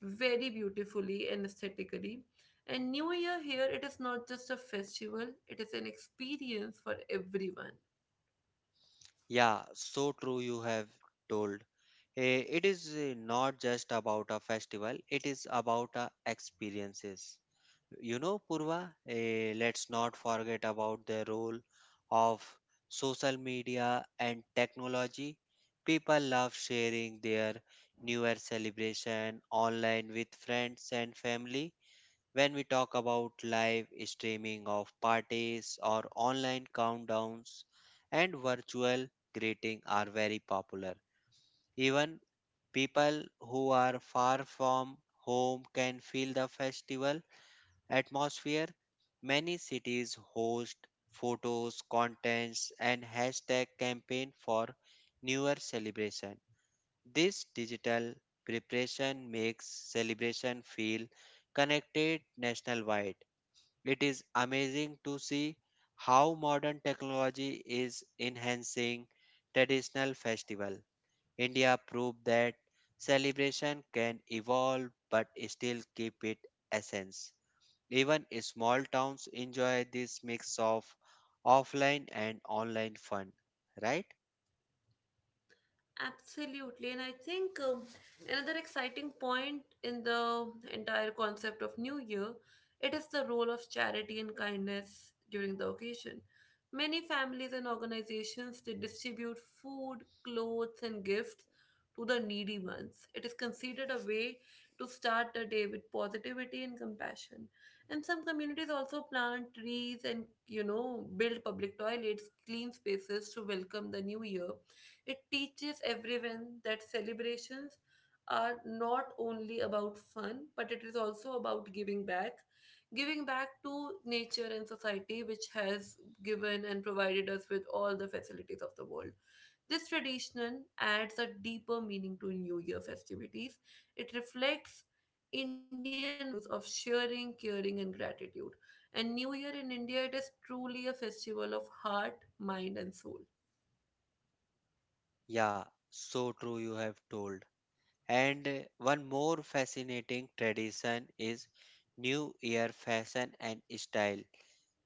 S1: very beautifully and aesthetically. And New Year here, it is not just a festival, it is an experience for everyone.
S2: Yeah, so true you have told. Eh, It is eh, not just about a festival, it is about uh, experiences. You know, Purva, eh, let's not forget about the role of social media and technology. People love sharing their New Year celebration online with friends and family when we talk about live streaming of parties or online countdowns, and virtual greeting are very popular. Even people who are far from home can feel the festival atmosphere. Many cities host photos, contents, and hashtag campaign for New Year celebration. This digital preparation makes celebration feel connected nationwide. It is amazing to see how modern technology is enhancing traditional festival. India proved that celebration can evolve but still keep its essence. Even small towns enjoy this mix of offline and online fun, right?
S1: Absolutely. And I think um, another exciting point in the entire concept of New Year, it is the role of charity and kindness during the occasion. Many families and organizations, they distribute food, clothes, and gifts to the needy ones. It is considered a way to start the day with positivity and compassion. And some communities also plant trees and you know build public toilets, clean spaces to welcome the new year. It teaches everyone that celebrations are not only about fun, but it is also about giving back. Giving back to nature and society, which has given and provided us with all the facilities of the world. This tradition adds a deeper meaning to New Year festivities. It reflects Indian values of sharing, caring, and gratitude. And New Year in India, it is truly a festival of heart, mind, and soul.
S2: Yeah, so true you have told. And uh, One more fascinating tradition is New Year fashion and style.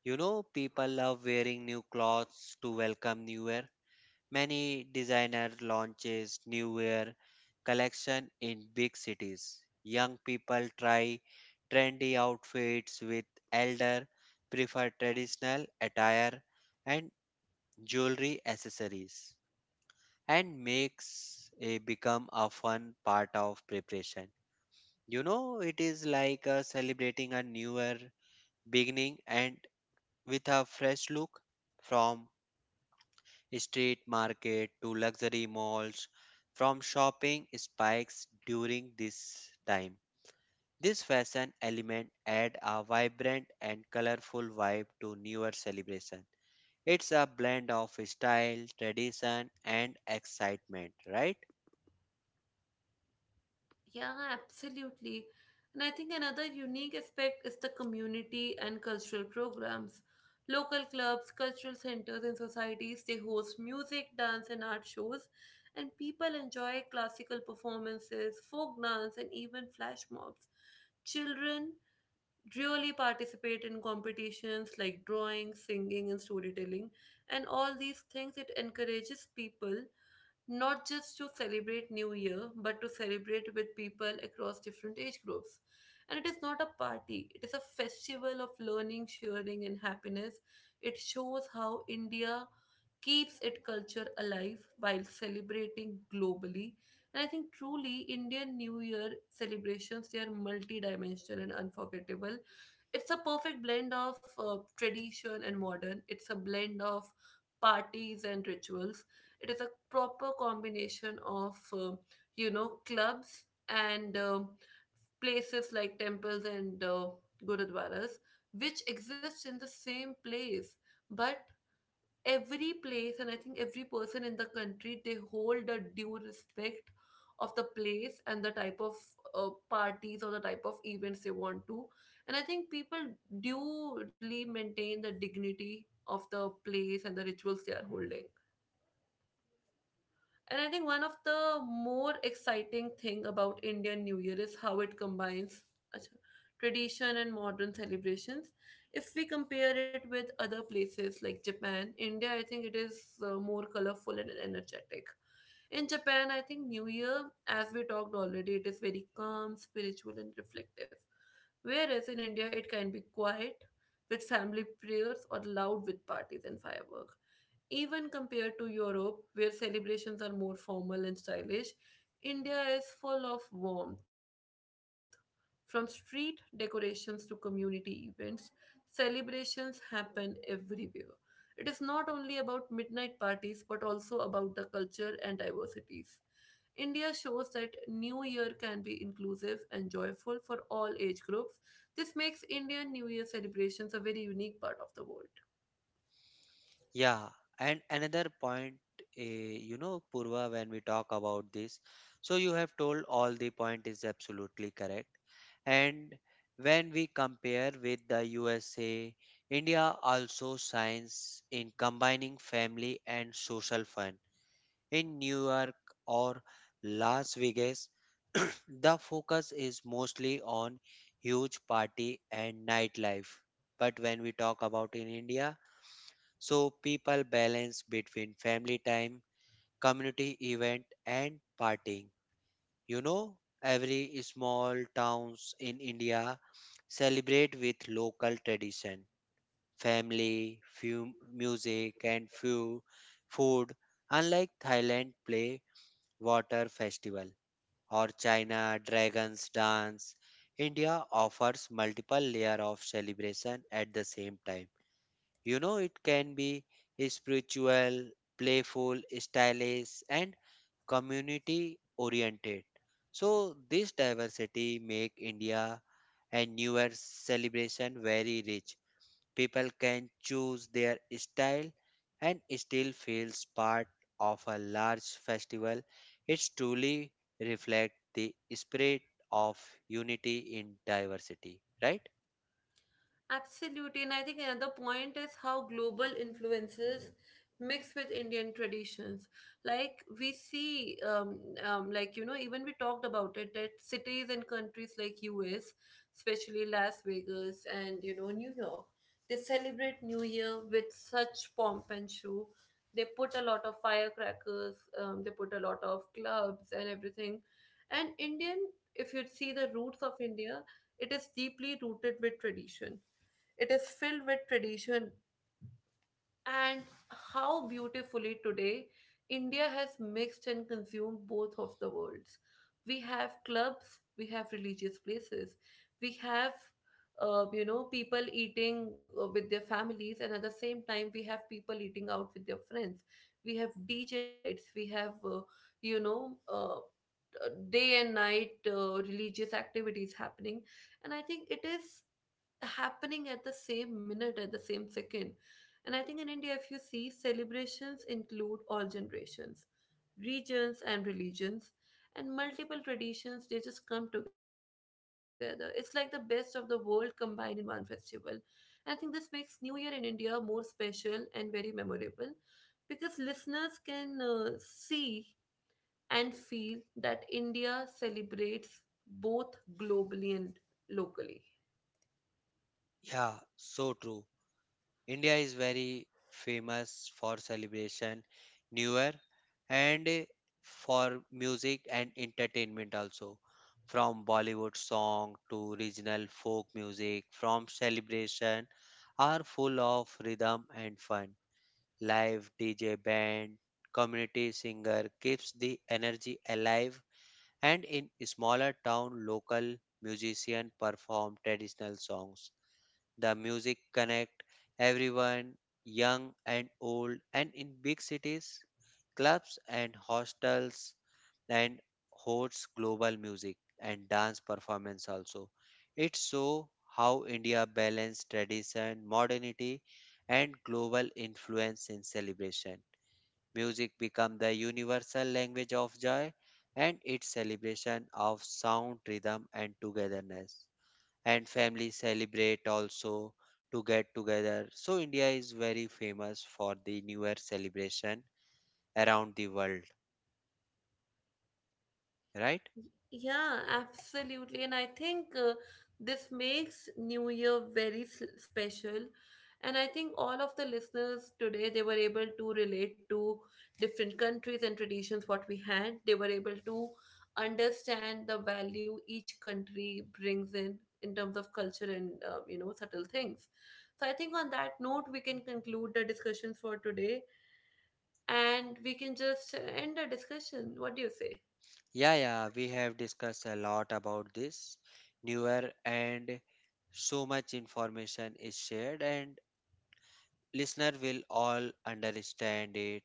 S2: You know, people love wearing new clothes to welcome new year. Many designer launches new year collection in big cities. Young people try trendy outfits with elder prefer traditional attire, and jewelry accessories and makes a become a fun part of preparation. You know, it is like uh, celebrating a newer beginning and with a fresh look. From street market to luxury malls, from shopping spikes during this time. This fashion element add a vibrant and colorful vibe to newer celebration. It's a blend of style, tradition, and excitement, right?
S1: Yeah, absolutely. And I think another unique aspect is the community and cultural programs. Local clubs, cultural centers, and societies they host music, dance, and art shows, and people enjoy classical performances, folk dance, and even flash mobs. Children really participate in competitions like drawing, singing, and storytelling, and all these things it encourages people not just to celebrate New Year, but to celebrate with people across different age groups. And it is not a party, it is a festival of learning, sharing, and happiness. It shows how India keeps its culture alive while celebrating globally. And I think truly Indian New Year celebrations they are multi-dimensional and unforgettable. It's a perfect blend of uh, tradition and modern. It's a blend of parties and rituals. It is a proper combination of um you know clubs and um places like temples and uh, gurudwaras, which exist in the same place, but every place, and I think every person in the country they hold a due respect of the place and the type of uh, parties or the type of events they want to, and I think people duly maintain the dignity of the place and the rituals they are holding. And I think one of the more exciting thing about Indian New Year is how it combines अच्छा, tradition and modern celebrations. If we compare it with other places like Japan, India, I think it is uh, more colorful and energetic. In Japan, I think New Year, as we talked already, it is very calm, spiritual, and reflective. Whereas in India, it can be quiet with family prayers or loud with parties and fireworks. Even compared to Europe, where celebrations are more formal and stylish, India is full of warmth. From street decorations to community events, celebrations happen everywhere. It is not only about midnight parties but also about the culture and diversities. India shows that New Year can be inclusive and joyful for all age groups. This makes Indian New Year celebrations a very unique part of the world.
S2: Yeah, and another point, eh, you know, Purva, when we talk about this, so you have told all the point is absolutely correct. And when we compare with the U S A, India also shines in combining family and social fun. In New York or Las Vegas, the focus is mostly on huge party and nightlife. But when we talk about in India, so people balance between family time, community event, and partying. You know, every small towns in India celebrate with local tradition, family, few music, and few food, unlike Thailand play water festival or China dragons dance. India offers multiple layer of celebration at the same time. You know, it can be spiritual, playful, stylish, and community oriented. So, this diversity make India and New Year's celebration very rich. People can choose their style and still feels part of a large festival. It truly reflects the spirit of unity in diversity, right?
S1: Absolutely, and I think another point is how global influences mix with Indian traditions. Like we see, um, um, like you know, even we talked about it that cities and countries like U S, especially Las Vegas and you know New York, they celebrate New Year with such pomp and show. They put a lot of firecrackers. Um, they put a lot of clubs and everything. And Indian, if you see the roots of India, it is deeply rooted with tradition, it is filled with tradition, and how beautifully today India has mixed and consumed both of the worlds. We have clubs, we have religious places, we have uh, you know people eating uh, with their families, and at the same time we have people eating out with their friends. We have D J nights, we have uh, you know uh, uh, day and night uh, religious activities happening, and I think it is happening at the same minute, at the same second. And I think in India, if you see, celebrations include all generations, regions, and religions, and multiple traditions, they just come together. It's like the best of the world combined in one festival. And I think this makes New Year in India more special and very memorable because listeners can uh, see and feel that India celebrates both globally and locally.
S2: Yeah, so true. India is very famous for celebration, New Year, and eh, for music and entertainment also. From Bollywood song to regional folk music, from celebration are full of rhythm and fun. Live D J band, community singer keeps the energy alive, and in smaller town, local musician perform traditional songs. The music connect everyone, young and old, and in big cities, clubs and hostels and hosts global music and dance performance also. It show how India balance tradition, modernity, and global influence in celebration. Music become the universal language of joy and its celebration of sound, rhythm, and togetherness and family celebrate also to get together. So India is very famous for the New Year celebration around the world, right?
S1: Yeah, absolutely. And I think uh, this makes New Year very s- special. And I think all of the listeners today, they were able to relate to different countries and traditions what we had. They were able to understand the value each country brings in in terms of culture and uh, you know subtle things. So I think on that note, we can conclude the discussion for today, and we can just end the discussion. What do you say?
S2: Yeah, yeah, we have discussed a lot about this New Year and so much information is shared, and listener will all understand it.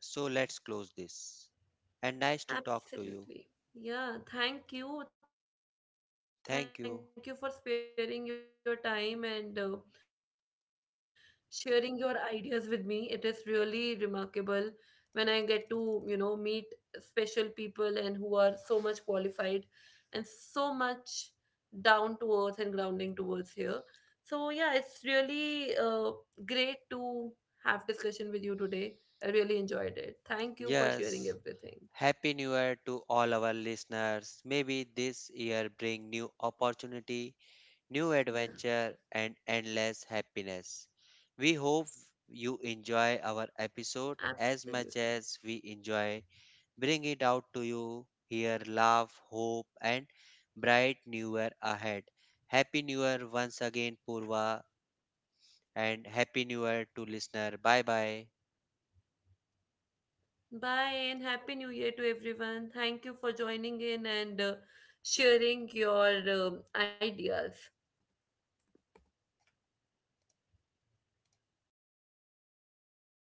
S2: So let's close this. And nice to talk to you.
S1: Absolutely. Yeah, thank you. Thank you for sparing your
S2: Thank
S1: time
S2: you.
S1: and uh, sharing your ideas with me. It is really remarkable when I get to, you know, meet special people and who are so much qualified and so much down to earth and grounding towards here. So yeah, it's really uh, great to have discussion with you today. I really enjoyed it. Thank you for sharing everything.
S2: Yes. Happy New Year to all our listeners. Maybe this year bring new opportunity,
S1: Yeah,
S2: new adventure, and endless happiness. We hope you enjoy our episode as much
S1: absolutely.
S2: as we enjoy bring it out to you here love, hope, and bright new year ahead. Happy New Year once again, Purva, and happy new year to listener. Bye bye.
S1: Bye and Happy New Year to everyone. Thank you for joining in and uh, sharing your um ideas.